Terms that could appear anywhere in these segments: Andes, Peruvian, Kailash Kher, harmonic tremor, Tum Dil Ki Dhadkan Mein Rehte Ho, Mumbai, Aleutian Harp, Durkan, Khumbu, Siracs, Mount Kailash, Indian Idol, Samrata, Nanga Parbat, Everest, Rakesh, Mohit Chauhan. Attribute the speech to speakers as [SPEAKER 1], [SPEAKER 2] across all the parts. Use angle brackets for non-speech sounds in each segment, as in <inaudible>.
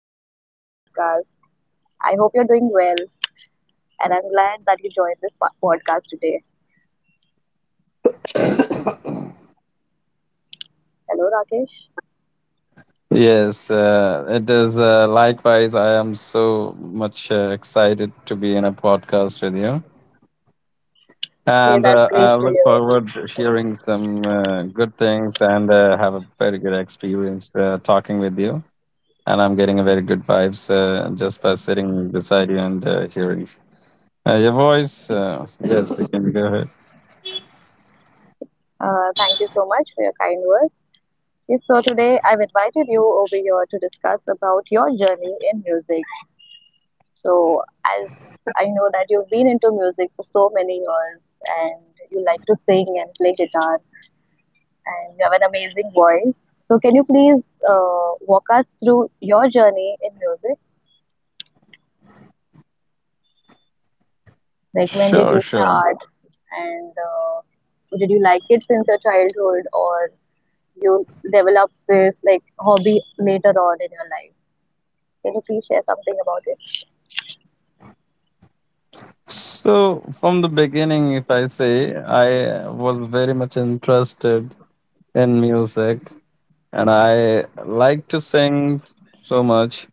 [SPEAKER 1] Welcome to my podcast. I hope you're doing well, and I'm glad that you joined this podcast today. Hello, Rakesh.
[SPEAKER 2] Yes, it is. Likewise, I am so much excited to be in a podcast with you.
[SPEAKER 1] Yeah,
[SPEAKER 2] And
[SPEAKER 1] that's great
[SPEAKER 2] I
[SPEAKER 1] to
[SPEAKER 2] look
[SPEAKER 1] hear.
[SPEAKER 2] forward to hearing some good things and have a very good experience talking with you. And I'm getting a very good vibes just by sitting beside you and hearing your voice. Yes, you can go ahead.
[SPEAKER 1] Thank you so much for your kind words. Yes, so today I've invited you over here to discuss about your journey in music. So, as I know that you've been into music for so many years, and you like to sing and play guitar, and you have an amazing voice. So, can you please walk us through your journey in music? Like when did
[SPEAKER 2] Sure,
[SPEAKER 1] you
[SPEAKER 2] sure.
[SPEAKER 1] start, and did you like it since your childhood, or you develop this like hobby later on in your life? Can you please share something about it?
[SPEAKER 2] So, from the beginning, if I say, I was very much interested in music and I like to sing so much,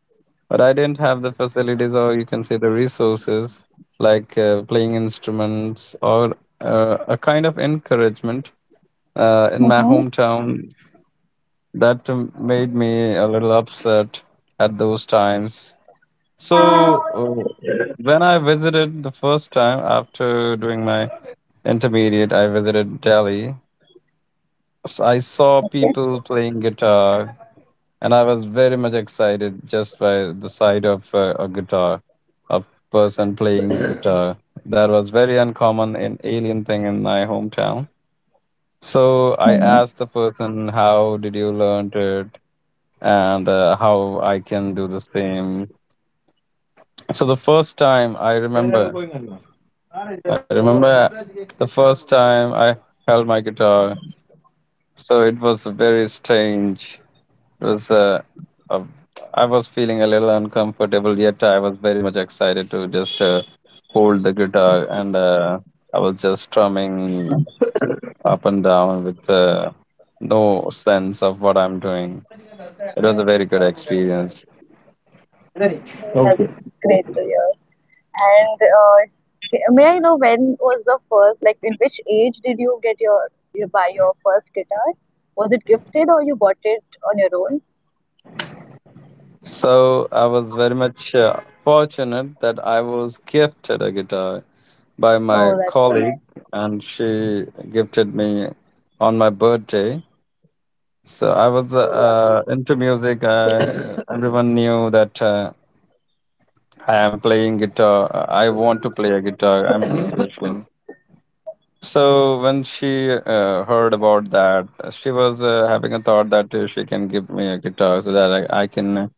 [SPEAKER 2] but I didn't have the facilities or you can say the resources like playing instruments or a kind of encouragement in my
[SPEAKER 1] Mm-hmm.
[SPEAKER 2] hometown that made me a little upset at those times. So when I visited the first time after doing my intermediate, I visited Delhi. So I saw
[SPEAKER 1] Okay.
[SPEAKER 2] people playing guitar and I was very much excited just by the sight of a guitar, a person playing the guitar. That was very uncommon and alien thing in my hometown. So I
[SPEAKER 1] Mm-hmm.
[SPEAKER 2] asked the person, "How did you learn it?" and how I can do the same. So the first time I remember the first time I held my guitar. So it was very strange. It was uh, I was feeling a little uncomfortable, yet I was very much excited to just hold the guitar, and I was just strumming up and down with no sense of what I'm doing. It was a very good experience.
[SPEAKER 1] That's great to hear. And may I know when was the first, like, in which age did you get your you buy your first guitar? Was it gifted or you bought it on your own?
[SPEAKER 2] So I was very much fortunate that I was gifted a guitar by my
[SPEAKER 1] Oh, that's so
[SPEAKER 2] colleague,
[SPEAKER 1] nice.
[SPEAKER 2] and she gifted me on my birthday. So I was
[SPEAKER 1] Oh, lovely.
[SPEAKER 2] into music. <coughs> Everyone knew that I am playing guitar. I want to play a guitar. I'm a musician. So when she heard about that, she was having a thought that she can give me a guitar so that I can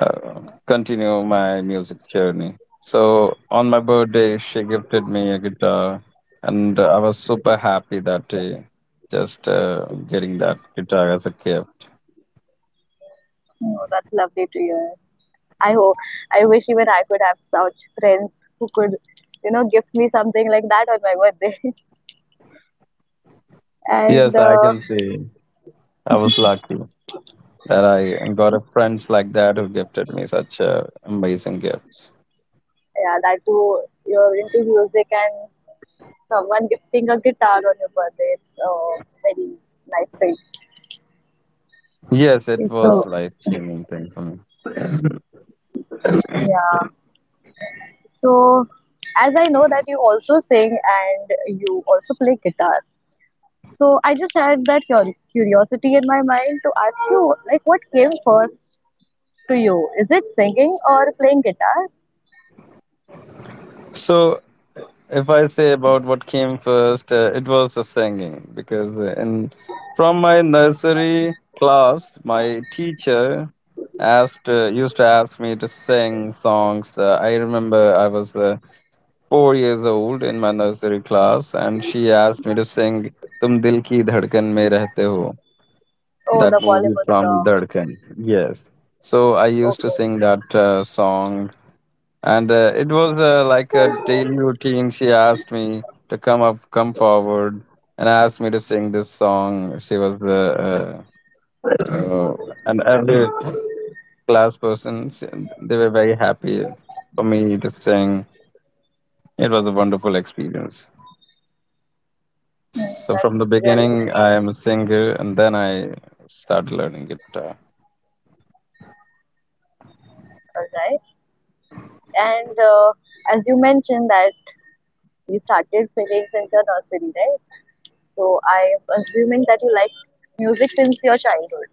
[SPEAKER 2] uh, continue my music journey. So on my birthday, she gifted me a guitar, and I was super happy that day, just getting that guitar as a gift.
[SPEAKER 1] Oh, that's lovely to hear. I hope I wish even I could have such friends who could, you know, gift me something like that on my birthday. <laughs> and
[SPEAKER 2] Yes, I
[SPEAKER 1] uh,
[SPEAKER 2] can see. I was lucky that I got a friends like that who gifted me such amazing gifts.
[SPEAKER 1] yeah, that too, you're into music and someone gifting a guitar on your birthday. It's a very nice thing.
[SPEAKER 2] Yes, it
[SPEAKER 1] It's
[SPEAKER 2] was
[SPEAKER 1] so
[SPEAKER 2] life-changing thing for me.
[SPEAKER 1] yeah. So as I know that you also sing and you also play guitar. So I just had that curiosity in my mind to ask you, like, what came first to you? Is it singing or playing guitar?
[SPEAKER 2] So, if I say about what came first, it was the singing because in from my nursery class, my teacher asked used to ask me to sing songs. I remember I was 4 years old in my nursery class, and she asked me to sing "Tum Dil Ki Dhadkan Mein Rehte Ho."
[SPEAKER 1] Oh,
[SPEAKER 2] That
[SPEAKER 1] the
[SPEAKER 2] movie
[SPEAKER 1] Bollywood
[SPEAKER 2] from
[SPEAKER 1] song.
[SPEAKER 2] Durkan. Yes. So I used to
[SPEAKER 1] Okay.
[SPEAKER 2] sing that song, and it was like a daily routine. She asked me to come up, come forward, and asked me to sing this song. She was the uh, uh, and every class person. s- They were very happy for me to sing. It was a wonderful experience.
[SPEAKER 1] Hmm,
[SPEAKER 2] So from the
[SPEAKER 1] that's really
[SPEAKER 2] beginning, I
[SPEAKER 1] nice.
[SPEAKER 2] am a singer, and then I started learning guitar.
[SPEAKER 1] All right. And as you mentioned that you started singing since your nursery, right? So I'm assuming that you like music since your childhood.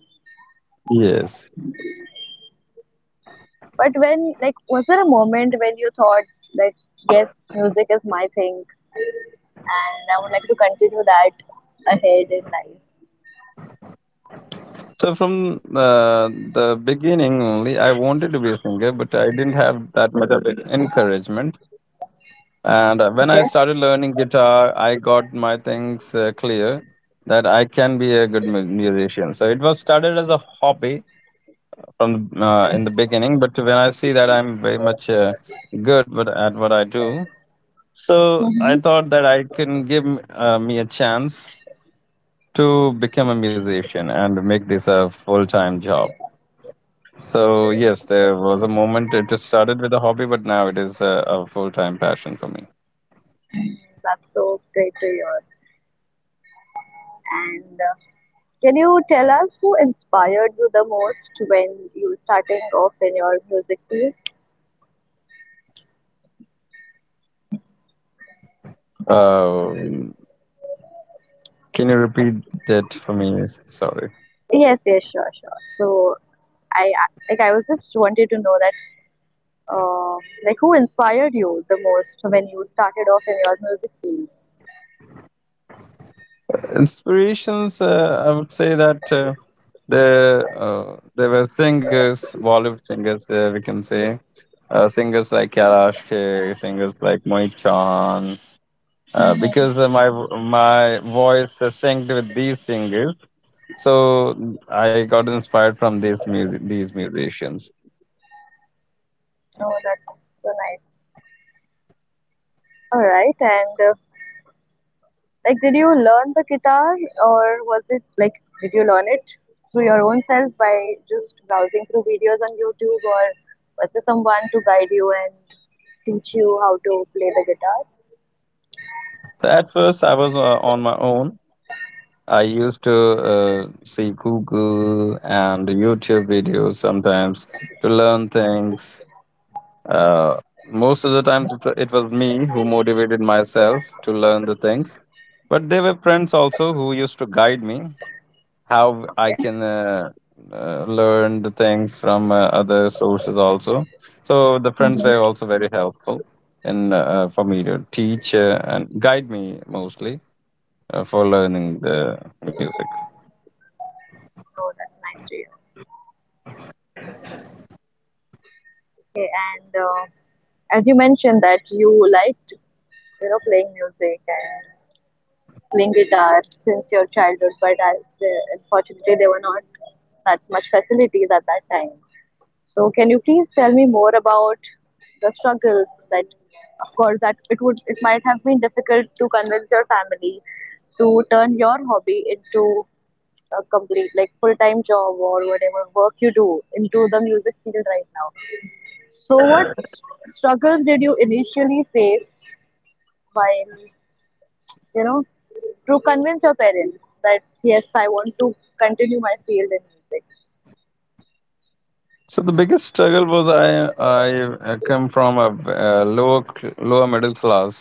[SPEAKER 2] Yes.
[SPEAKER 1] But when, like, was there a moment when you thought that yes, music is my thing, and I would like to continue that ahead in life?
[SPEAKER 2] So from uh, the beginning only, I wanted to be a singer, but I didn't have that much of encouragement. And when
[SPEAKER 1] Okay.
[SPEAKER 2] I started learning guitar, I got my things clear that I can be a good musician. So it was started as a hobby from in the beginning, but when I see that I'm very much good at what I do, so I
[SPEAKER 1] Mm-hmm.
[SPEAKER 2] thought that I can give me a chance to become a musician and make this a full-time job. So yes, there was a moment. It just started with a hobby, but now it is a full-time passion for me.
[SPEAKER 1] That's so great to hear. And can you tell us who inspired you the most when you starting off in your music field?
[SPEAKER 2] Um can you repeat that for me? Sorry.
[SPEAKER 1] Yes, yes, sure, sure. So like I was just wanted to know that uh, like who inspired you the most when you started off in your music field?
[SPEAKER 2] Inspirations. I would say that there were singers, Bollywood singers. We can say singers like Kailash Kher, singers like Mohit Chauhan.
[SPEAKER 1] Mm-hmm.
[SPEAKER 2] Because my voice synced with these singers, so I got inspired from these musicians.
[SPEAKER 1] Oh, that's so nice. All right, and like, did you learn the guitar, or was it like, did you learn it through your own self by just browsing through videos on YouTube, or was there someone to guide you and teach you how to play the guitar?
[SPEAKER 2] So at first, I was on my own. I used to see Google and YouTube videos sometimes to learn things. Uh, Most of the time, it was me who motivated myself to learn the things. But there were friends also who used to guide me how I
[SPEAKER 1] Okay.
[SPEAKER 2] can learn the things from other sources also. So the friends were
[SPEAKER 1] Mhm.
[SPEAKER 2] also very helpful in for me to teach and guide me mostly for learning the music.
[SPEAKER 1] So that's nice to hear. Okay, and as you mentioned that you liked, you know, playing music and playing guitar since your childhood, but as the, unfortunately there were not that much facilities at that time. So can you please tell me more about the struggles that, of course, that it would it might have been difficult to convince your family to turn your hobby into a complete like full time job or whatever work you do into the music field right now. So what struggles did you initially face while you know to convince your parents that yes I want to continue my field in music?
[SPEAKER 2] So the biggest struggle was I come from a lower middle class,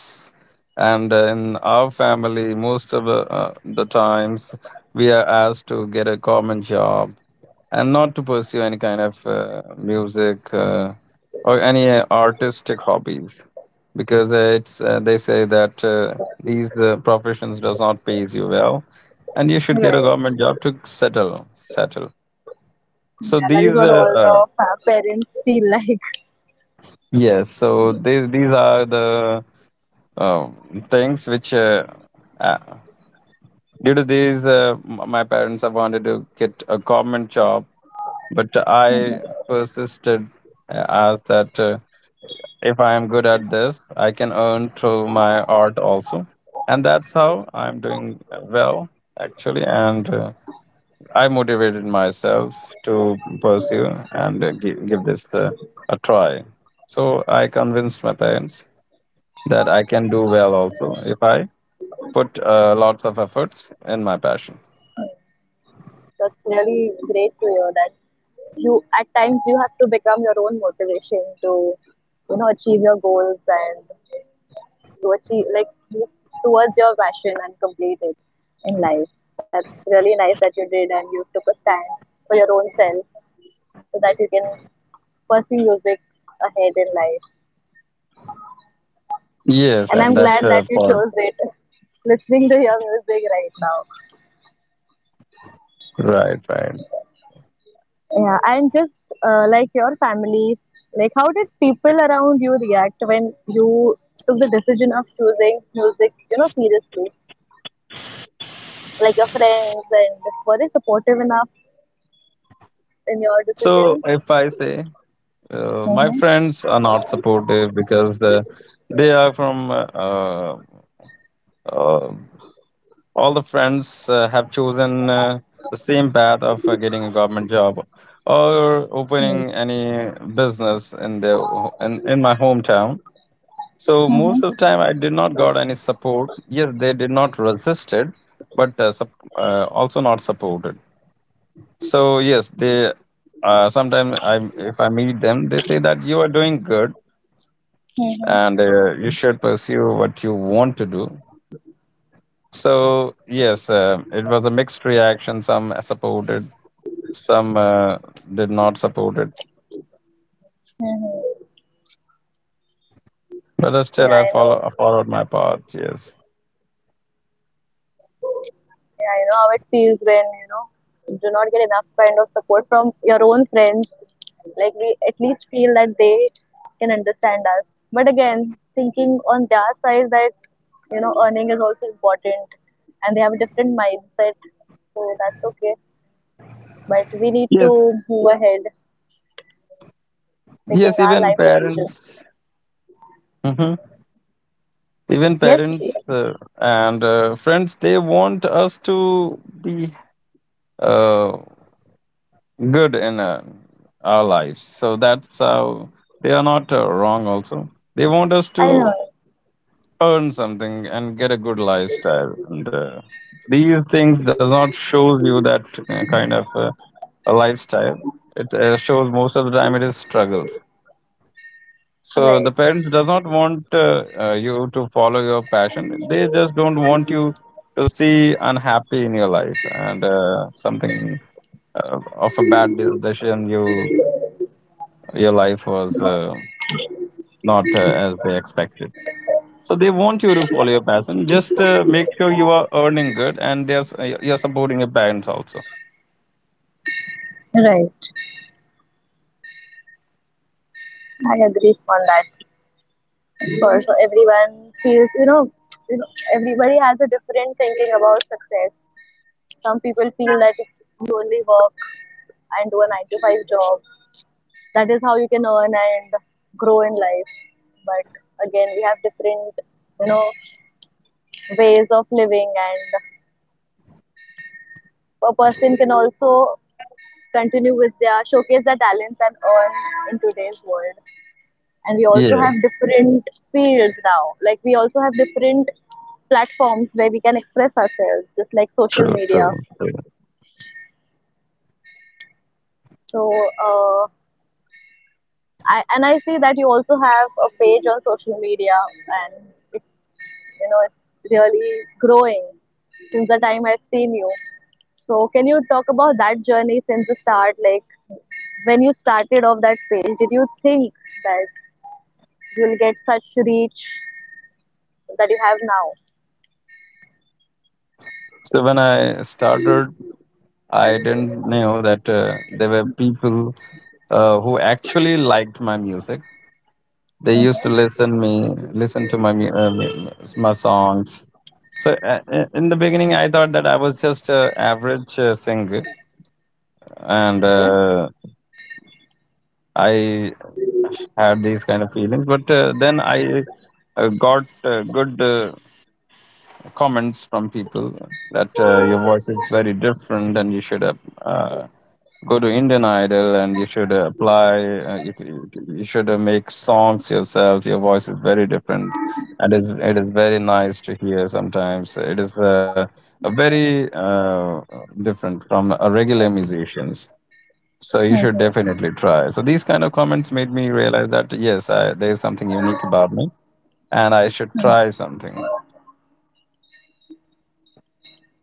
[SPEAKER 2] and in our family, most of the times we are asked to get a common job and not to pursue any kind of music or any artistic hobbies because it's they say that these professions does not pays you well and you should get a
[SPEAKER 1] Right.
[SPEAKER 2] government job to settle. So
[SPEAKER 1] Yeah, that is what all the parents feel <laughs> like.
[SPEAKER 2] yes. So these are the um, things which, uh, due to these, my parents have wanted to get a government job, but I persisted as that if I am good at this, I can earn through my art also, and that's how I'm doing well actually, and. I motivated myself to pursue and give this a try. So I convinced my parents that I can do well also if I put lots of efforts in my passion.
[SPEAKER 1] That's really great to hear that you at times you have to become your own motivation to you know achieve your goals and to achieve like move towards your passion and complete it in life. That's really nice that you did and you took a stand for your own self so that you can pursue music ahead in life.
[SPEAKER 2] Yes,
[SPEAKER 1] And I'm
[SPEAKER 2] and that
[SPEAKER 1] glad that you
[SPEAKER 2] part.
[SPEAKER 1] chose it. <laughs> Listening to your music right now.
[SPEAKER 2] Right, right.
[SPEAKER 1] Yeah, and just like your family, like how did people around you react when you took the decision of choosing music, you know, seriously? Like your friends, and were they supportive enough in your
[SPEAKER 2] So
[SPEAKER 1] decision?
[SPEAKER 2] if I say my
[SPEAKER 1] Mm-hmm.
[SPEAKER 2] friends are not supportive because they are from uh, all the friends have chosen the same path of getting a government job or opening
[SPEAKER 1] Mm-hmm.
[SPEAKER 2] any business in their in my hometown, so
[SPEAKER 1] Mm-hmm.
[SPEAKER 2] most of the time I did not got any support. Yes, they did not resist it, but also not supported. So yes, they sometimes I if I meet them, they say that you are doing good
[SPEAKER 1] Mm-hmm.
[SPEAKER 2] and you should pursue what you want to do. So yes, it was a mixed reaction. Some supported, some did not support it.
[SPEAKER 1] Mm-hmm.
[SPEAKER 2] But
[SPEAKER 1] Yeah,
[SPEAKER 2] still,
[SPEAKER 1] I know.
[SPEAKER 2] I followed my path. Yes,
[SPEAKER 1] Yeah, I know how it feels when you know you do not get enough kind of support from your own friends. Like we at least feel that they can understand us. But again, thinking on their side that you know earning is also important, and they have a different mindset, so that's okay. But we need to
[SPEAKER 2] yes,
[SPEAKER 1] move ahead, taking
[SPEAKER 2] yes.
[SPEAKER 1] our
[SPEAKER 2] Even
[SPEAKER 1] life decisions.
[SPEAKER 2] parents, hmm even
[SPEAKER 1] Yes,
[SPEAKER 2] parents and friends, they want us to be uh, good in our lives. So that's how they are not wrong. Also, they want us
[SPEAKER 1] I
[SPEAKER 2] to
[SPEAKER 1] know.
[SPEAKER 2] earn something and get a good lifestyle and these things does not shows you that kind of a lifestyle. It shows most of the time it is struggles. So the
[SPEAKER 1] Right,
[SPEAKER 2] parents does not want you to follow your passion. They just don't want you to see unhappy in your life and something of a bad decision. You your life was not as they expected. So they want you to follow your passion. Just make sure you are earning good and there's you're supporting your parents also.
[SPEAKER 1] right. I agree on that. For so everyone feels you know everybody has a different thinking about success. Some people feel that if you only work and do a 9 to 5 job, that is how you can earn and grow in life, but again, we have different you know ways of living, and a person can also continue with their showcase their talents and earn in today's world. And we also have
[SPEAKER 2] Yes,
[SPEAKER 1] different fields now, like we also have different platforms where we can express ourselves just like social
[SPEAKER 2] true,
[SPEAKER 1] media.
[SPEAKER 2] true, true.
[SPEAKER 1] So uh, and I see that you also have a page on social media, and it you know it's really growing since the time I've seen you. So can you talk about that journey since the start, like when you started off that page did you think that you'll get such reach that you have now?
[SPEAKER 2] So when I started, I didn't know that there were people who actually liked my music. They used to
[SPEAKER 1] Mm-hmm.
[SPEAKER 2] listen to my my songs. So in the beginning, I thought that I was just an average singer, and I had these kind of feelings, but then I got good comments from people that your voice is very different and you should uh, go to Indian Idol and you should apply. You should make songs yourself. Your voice is very different and it is very nice to hear. Sometimes it is a very different from a regular musicians, so you should
[SPEAKER 1] Okay.
[SPEAKER 2] definitely try. So these kind of comments made me realize that yes, there is something unique about me, and I should try something.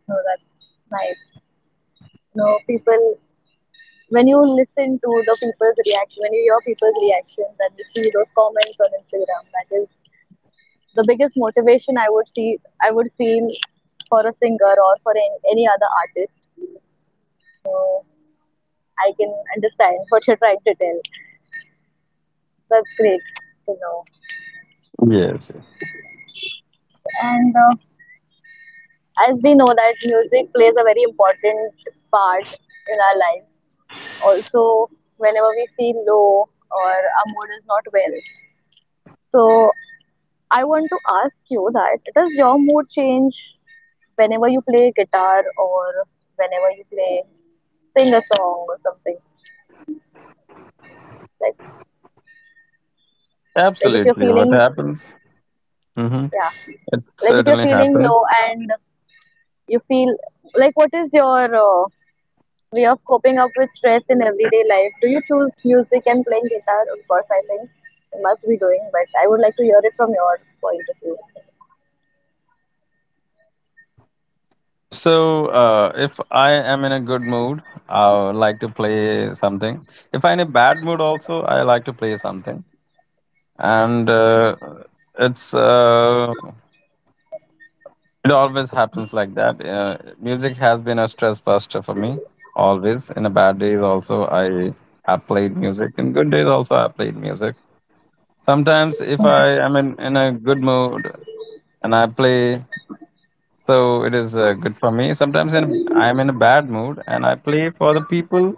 [SPEAKER 1] So that's nice. You know, people, when you listen to the people's reaction, when you hear people's reactions and you see those comments on Instagram, that is the biggest motivation I would see, I would feel for a singer or for any other artist. I can understand what you're trying to tell. That's great to know.
[SPEAKER 2] Yes, yes.
[SPEAKER 1] And as we know that music plays a very important part in our lives. Also, whenever we feel low or our mood is not well, so I want to ask you that does your mood change whenever you play guitar or whenever you play sing a song or something? Like like if you're
[SPEAKER 2] Absolutely. What
[SPEAKER 1] feeling
[SPEAKER 2] happens? hmm
[SPEAKER 1] yeah,
[SPEAKER 2] It
[SPEAKER 1] like if you're
[SPEAKER 2] certainly
[SPEAKER 1] feeling low
[SPEAKER 2] happens.
[SPEAKER 1] and you feel like what is your way of coping up with stress in everyday life? Do you choose music and playing guitar? Of course, I think you must be doing, but I would like to hear it from your point of view.
[SPEAKER 2] So, if I am in a good mood, I would like to play something. If I'm in a bad mood, also I like to play something. And it's uh, it always happens like that. Music has been a stress buster for me, always. In the bad days, also, I have played music. In good days, also, I played music. Sometimes, if I am in a good mood and I play, so it is good for me. Sometimes in, I am in a bad mood and I play for the people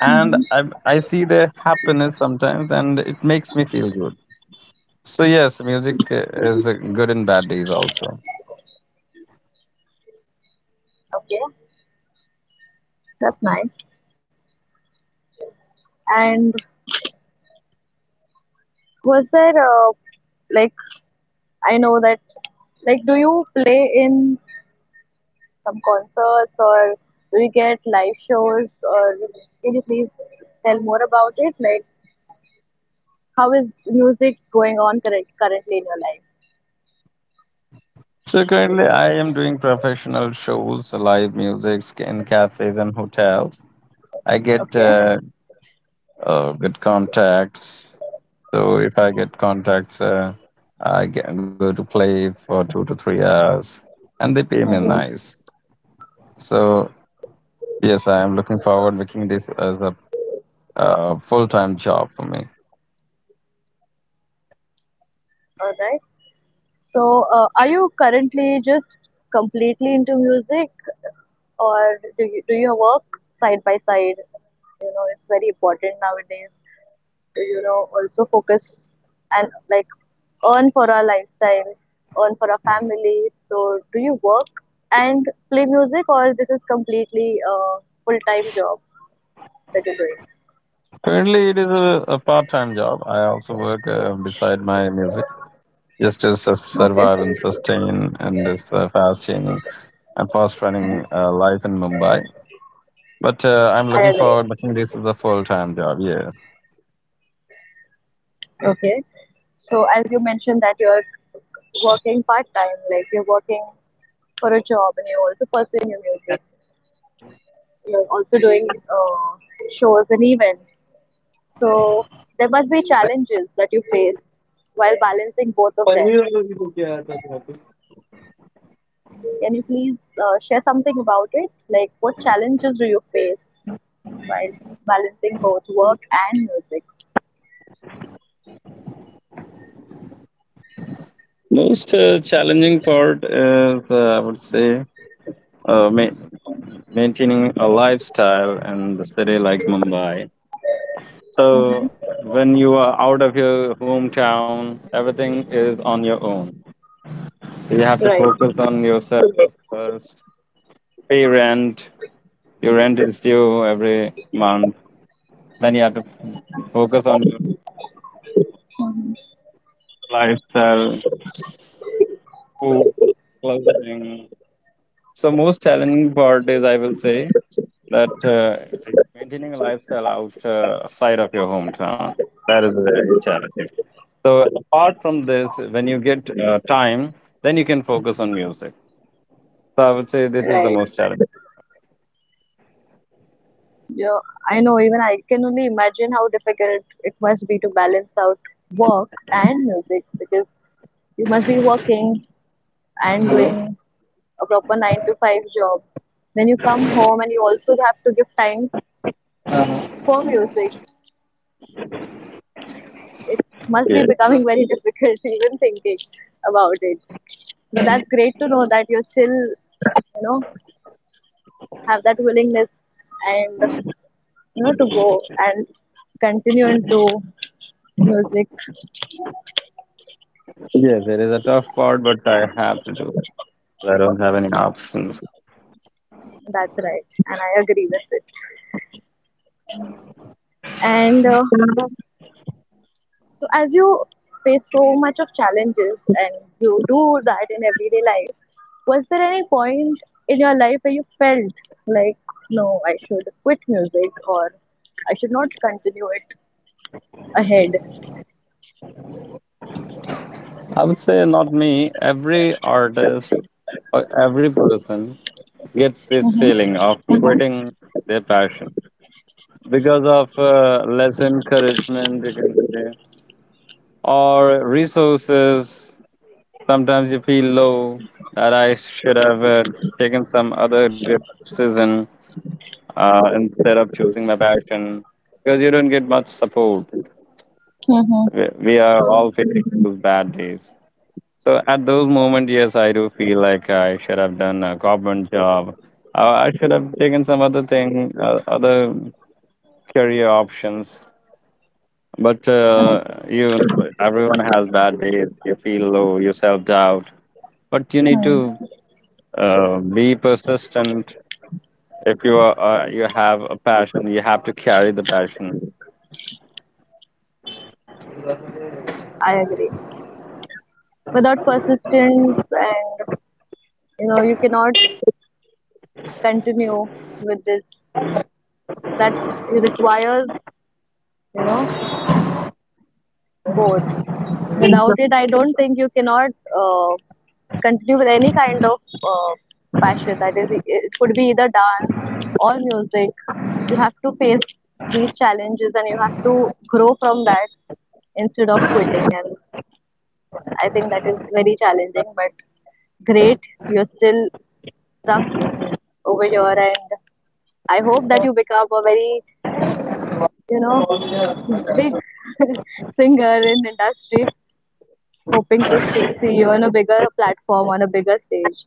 [SPEAKER 2] and I see their happiness sometimes and it makes me feel good. So, yes, music is good in bad days also.
[SPEAKER 1] Okay, that's nice. And was there like I know that. Like, do you play in some concerts or do you get live shows? Or can you please tell more about it? Like, how is music going on currently in your life?
[SPEAKER 2] So currently, I am doing professional shows, live music in cafes and hotels. I get
[SPEAKER 1] Okay.
[SPEAKER 2] good contacts. So if I get contacts, I get, go to play for 2 to 3 hours, and they pay me
[SPEAKER 1] Mhm.
[SPEAKER 2] nice. So yes, I am looking forward making this as a full-time job for me.
[SPEAKER 1] All right. So, are you currently just completely into music, or do you do your work side by side? You know, it's very important nowadays. You know, also focus and like earn for our lifestyle, earn for our family. So do you work and play music, or this is completely a full-time job that you're doing?
[SPEAKER 2] Currently, it is a part-time job. I also work beside my music just to survive
[SPEAKER 1] Okay.
[SPEAKER 2] and sustain in this fast-changing and fast running life in Mumbai. But I'm
[SPEAKER 1] I
[SPEAKER 2] looking
[SPEAKER 1] agree.
[SPEAKER 2] forward making this as a full time job. Yes.
[SPEAKER 1] Okay, so as you mentioned that you're working part-time, like you're working for a job and you're also pursuing your music, you're also doing uh, shows and events, so there must be challenges that you face while balancing both of them. Can you please share something about it? Like, what challenges do you face while balancing both work and music?
[SPEAKER 2] Most challenging part is, I would say, uh, ma- maintaining a lifestyle in the city like Mumbai.
[SPEAKER 1] Mhm.
[SPEAKER 2] So when you are out of your hometown, everything is on your own. So you have to
[SPEAKER 1] Right.
[SPEAKER 2] focus on yourself first. Pay rent. Your rent is due every month. Then you have to focus on your
[SPEAKER 1] Mhm.
[SPEAKER 2] lifestyle. Food, clothing. So most challenging part is, I will say, that maintaining a lifestyle outside of your hometown. That is very challenging. So apart from this, when you get time, then you can focus on music. So I would say this is the
[SPEAKER 1] Right.
[SPEAKER 2] most challenging.
[SPEAKER 1] Yeah, I know. Even I can only imagine how difficult it must be to balance out work and music, because you must be working and doing a proper 9 to 5 job. Then you come home and you also have to give time for music. It must be
[SPEAKER 2] Yeah.
[SPEAKER 1] becoming very difficult <laughs> even thinking about it. But that's great to know that you still, you know, have that willingness and you know to go and continue into music.
[SPEAKER 2] Yes, it is a tough part, but I have to do it. I don't have any options.
[SPEAKER 1] That's right, and I agree with it. And so as you face so much of challenges and you do that in everyday life, was there any point in your life where you felt like, no, I should quit music or I should not continue it ahead?
[SPEAKER 2] I would say not me. Every artist or every person gets this
[SPEAKER 1] Mm-hmm.
[SPEAKER 2] feeling of quitting their passion, because of less encouragement, you can say, or resources. Sometimes you feel low that I should have taken some other decision instead of choosing my passion, because you don't get much support. We are all facing those bad days. So at those moments, yes, I do feel like I should have done a government job. I should have taken some other thing, other career options. But
[SPEAKER 1] Mm-hmm.
[SPEAKER 2] you, everyone has bad days. You feel low, you self doubt. But you need to be persistent. If you are, you have a passion, you have to carry the passion.
[SPEAKER 1] I agree. Without persistence and you know you cannot continue with this, that requires you know both. Without it I don't think you cannot uh, continue with any kind of uh, passion, that is it could be either dance or music. You have to face these challenges and you have to grow from that instead of quitting. And I think that is very challenging, but great you're still stuck over here. And I hope that you become a very, you know, big <laughs> singer in industry. Hoping to see you on a bigger platform, on a bigger stage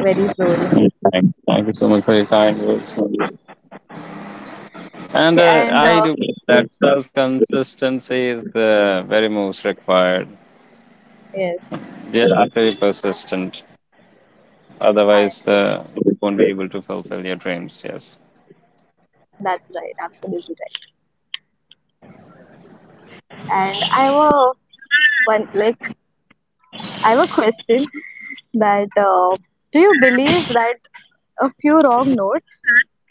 [SPEAKER 1] very soon.
[SPEAKER 2] Thank you so much for your kind words. And
[SPEAKER 1] Okay, and
[SPEAKER 2] I do believe
[SPEAKER 1] yes,
[SPEAKER 2] that self consistency is the very most required.
[SPEAKER 1] yes,
[SPEAKER 2] You have to be persistent.
[SPEAKER 1] I am
[SPEAKER 2] Otherwise,
[SPEAKER 1] right.
[SPEAKER 2] you won't be able to fulfill your dreams. Yes.
[SPEAKER 1] That's right, absolutely right. And I have a one like I have a question that do you believe that a few wrong notes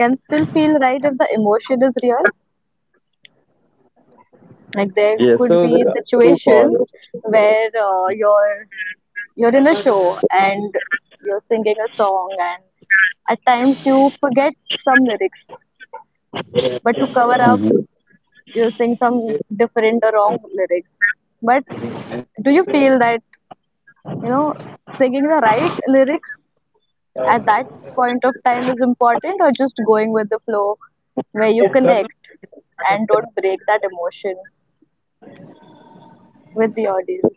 [SPEAKER 1] can still feel right if the emotion is real? Like there
[SPEAKER 2] Yes,
[SPEAKER 1] could
[SPEAKER 2] so
[SPEAKER 1] be
[SPEAKER 2] there are two parts.
[SPEAKER 1] situations where you're in a show and you're singing a song, and at times you forget some lyrics, but to cover up, you sing some different or wrong lyrics. But do you feel that you know singing the right lyrics at that point of time is important, or just going with the flow where you connect and don't break that emotion with the audience?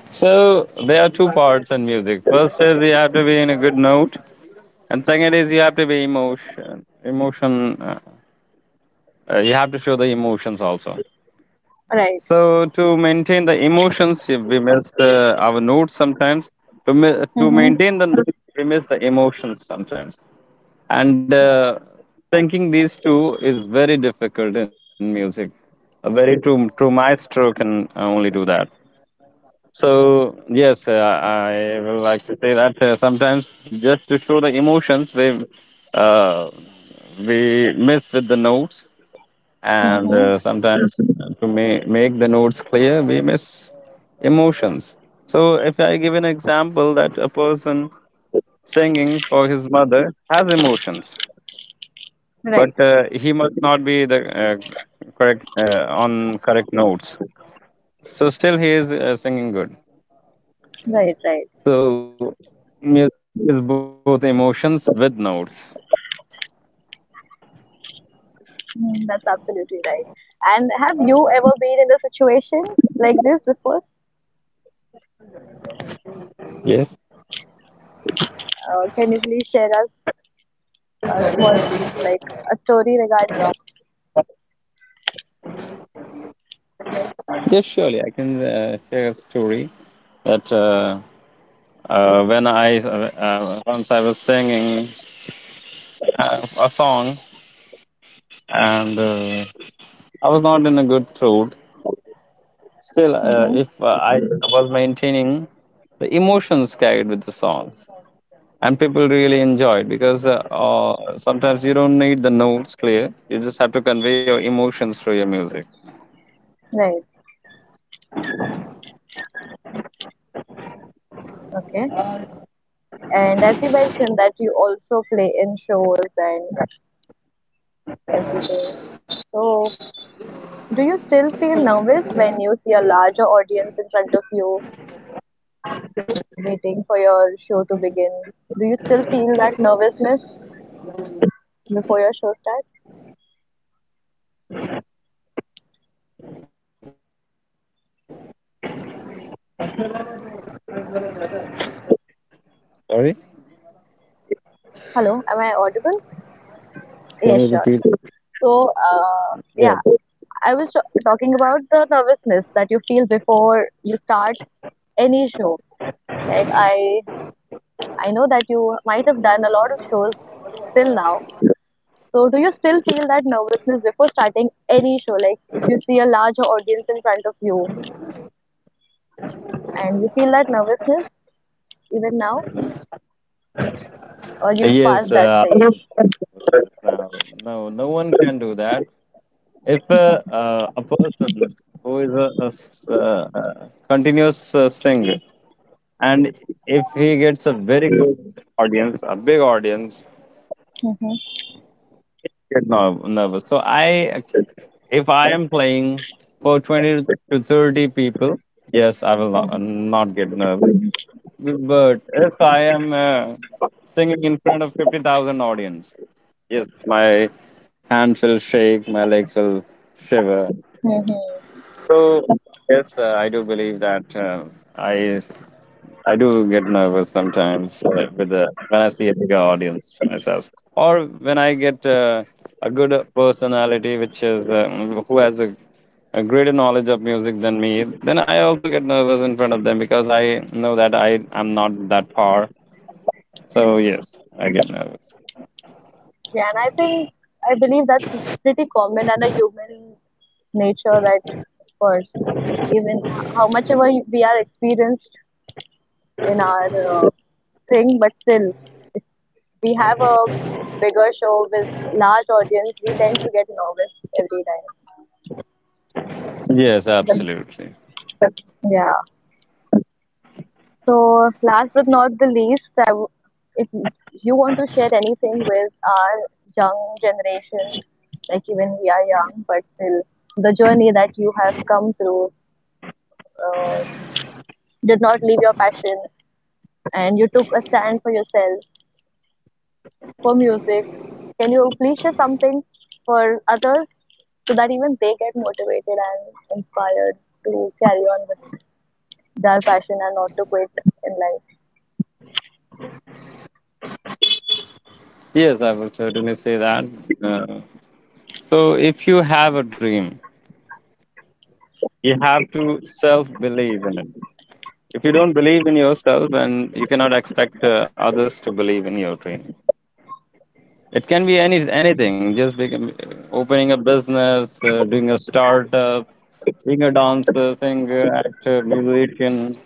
[SPEAKER 2] So there are two parts in music. First is you have to be in a good note, and second is you have to be emotion. Emotion. You have to show the emotions also.
[SPEAKER 1] Right.
[SPEAKER 2] So to maintain the emotions, if we miss our notes sometimes. To to
[SPEAKER 1] Mm-hmm.
[SPEAKER 2] maintain the note, we miss the emotions sometimes. And thinking these two is very difficult in music. A very true maestro can only do that. So yes, I will like to say that sometimes just to show the emotions, uh, we miss with the notes, and
[SPEAKER 1] Mm-hmm.
[SPEAKER 2] sometimes to make the notes clear, we miss emotions. So if I give an example that a person singing for his mother has emotions,
[SPEAKER 1] Right,
[SPEAKER 2] but he must not be the correct on correct notes. So still he is singing good.
[SPEAKER 1] right, right.
[SPEAKER 2] So music is both emotions with notes.
[SPEAKER 1] Mm, that's absolutely right. And have you ever been in a situation like this before?
[SPEAKER 2] Yes.
[SPEAKER 1] Can you please share us a like a story regarding it?
[SPEAKER 2] Yes, surely I can share a story that when I once I was singing a song and I was not in a good throat. Still,
[SPEAKER 1] Mm-hmm.
[SPEAKER 2] if I was maintaining the emotions carried with the songs, and people really enjoyed because sometimes you don't need the notes clear. You just have to convey your emotions through your music.
[SPEAKER 1] Right. Okay. And as you mentioned that you also play in shows and everything. So, do you still feel nervous when you see a larger audience in front of you waiting for your show to begin? Do you still feel that nervousness before your show starts?
[SPEAKER 2] Sorry,
[SPEAKER 1] Hello, am I
[SPEAKER 2] can you
[SPEAKER 1] audible?
[SPEAKER 2] repeat?
[SPEAKER 1] Yes, sure, sure.
[SPEAKER 2] Yeah.
[SPEAKER 1] So, yeah, I was talking about the nervousness that you feel before you start any show. Like I know that you might have done a lot of shows till now. So, do you still feel that nervousness before starting any show? Like if you see a larger audience in front of you, and you feel that nervousness even now, or you
[SPEAKER 2] Yes,
[SPEAKER 1] passed that stage?
[SPEAKER 2] no, no one can do that. If a person who is continuous singer, and if he gets a very good audience, a big audience, get nervous. So I, if I am playing for 20 to 30 people, yes, I will not get nervous. But if I am singing in front of 50,000 audience. Yes, my hands will shake, my legs will shiver.
[SPEAKER 1] Mm-hmm.
[SPEAKER 2] So yes, I do believe that I do get nervous sometimes with the when I see a bigger audience for myself, or when I get a good personality which is who has a greater knowledge of music than me, then I also get nervous in front of them because I know that I am not that far. So yes, I get nervous.
[SPEAKER 1] Yeah, and I think I believe that's pretty common and a human nature that, of course, even how much ever we are experienced in our uh, thing, but still, if we have a bigger show with large audience, we tend to get nervous every time.
[SPEAKER 2] Yes,
[SPEAKER 1] But,
[SPEAKER 2] absolutely.
[SPEAKER 1] yeah. So last but not the least, if you want to share anything with our young generation, like even we are young, but still the journey that you have come through uh, did not leave your passion and you took a stand for yourself, for music. Can you please share something for others so that even they get motivated and inspired to carry on with their passion and not to quit in life?
[SPEAKER 2] Yes, I would certainly say that. Uh, so, if you have a dream, you have to self believe in it. If you don't believe in yourself, then you cannot expect others to believe in your dream. It can be anything, just become, opening a business, doing a startup, being a dancer, singer, actor, musician.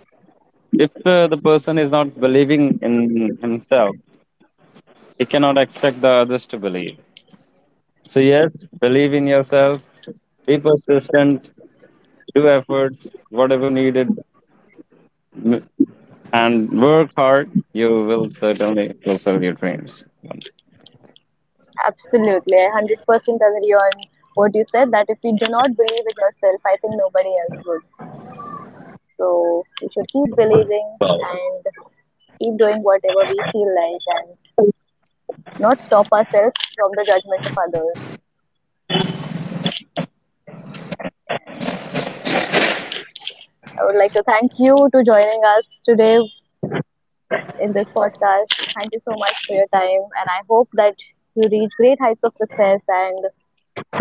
[SPEAKER 2] If the person is not believing in himself, he cannot expect the others to believe. So, yes, believe in yourself, be persistent, do efforts, whatever needed, m- and work hard, you will certainly fulfill your dreams.
[SPEAKER 1] Absolutely. I 100% agree on what you said that if you do not believe in yourself, I think nobody else would. So we should keep believing and keep doing whatever we feel like and not stop ourselves from the judgment of others. And I would like to thank you to joining us today in this podcast. Thank you so much for your time, and I hope that you reach great heights of success and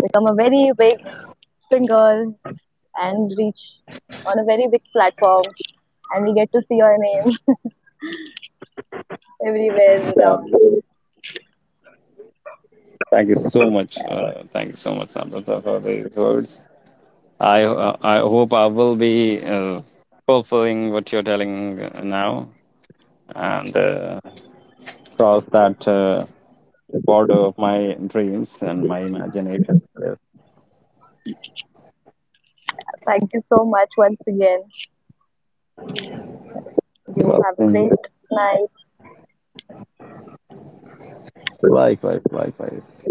[SPEAKER 1] become a very big singer and reach on a very big platform. And we get to see your name <laughs> everywhere
[SPEAKER 2] Yeah.
[SPEAKER 1] around.
[SPEAKER 2] Thank you so much. Thank you so much, Samrata, for these words. I hope I will be fulfilling what you're telling now and cross that border of my dreams and my imagination.
[SPEAKER 1] Thank you so much once again. You
[SPEAKER 2] Well,
[SPEAKER 1] have a
[SPEAKER 2] mm,
[SPEAKER 1] great night.
[SPEAKER 2] likewise, likewise.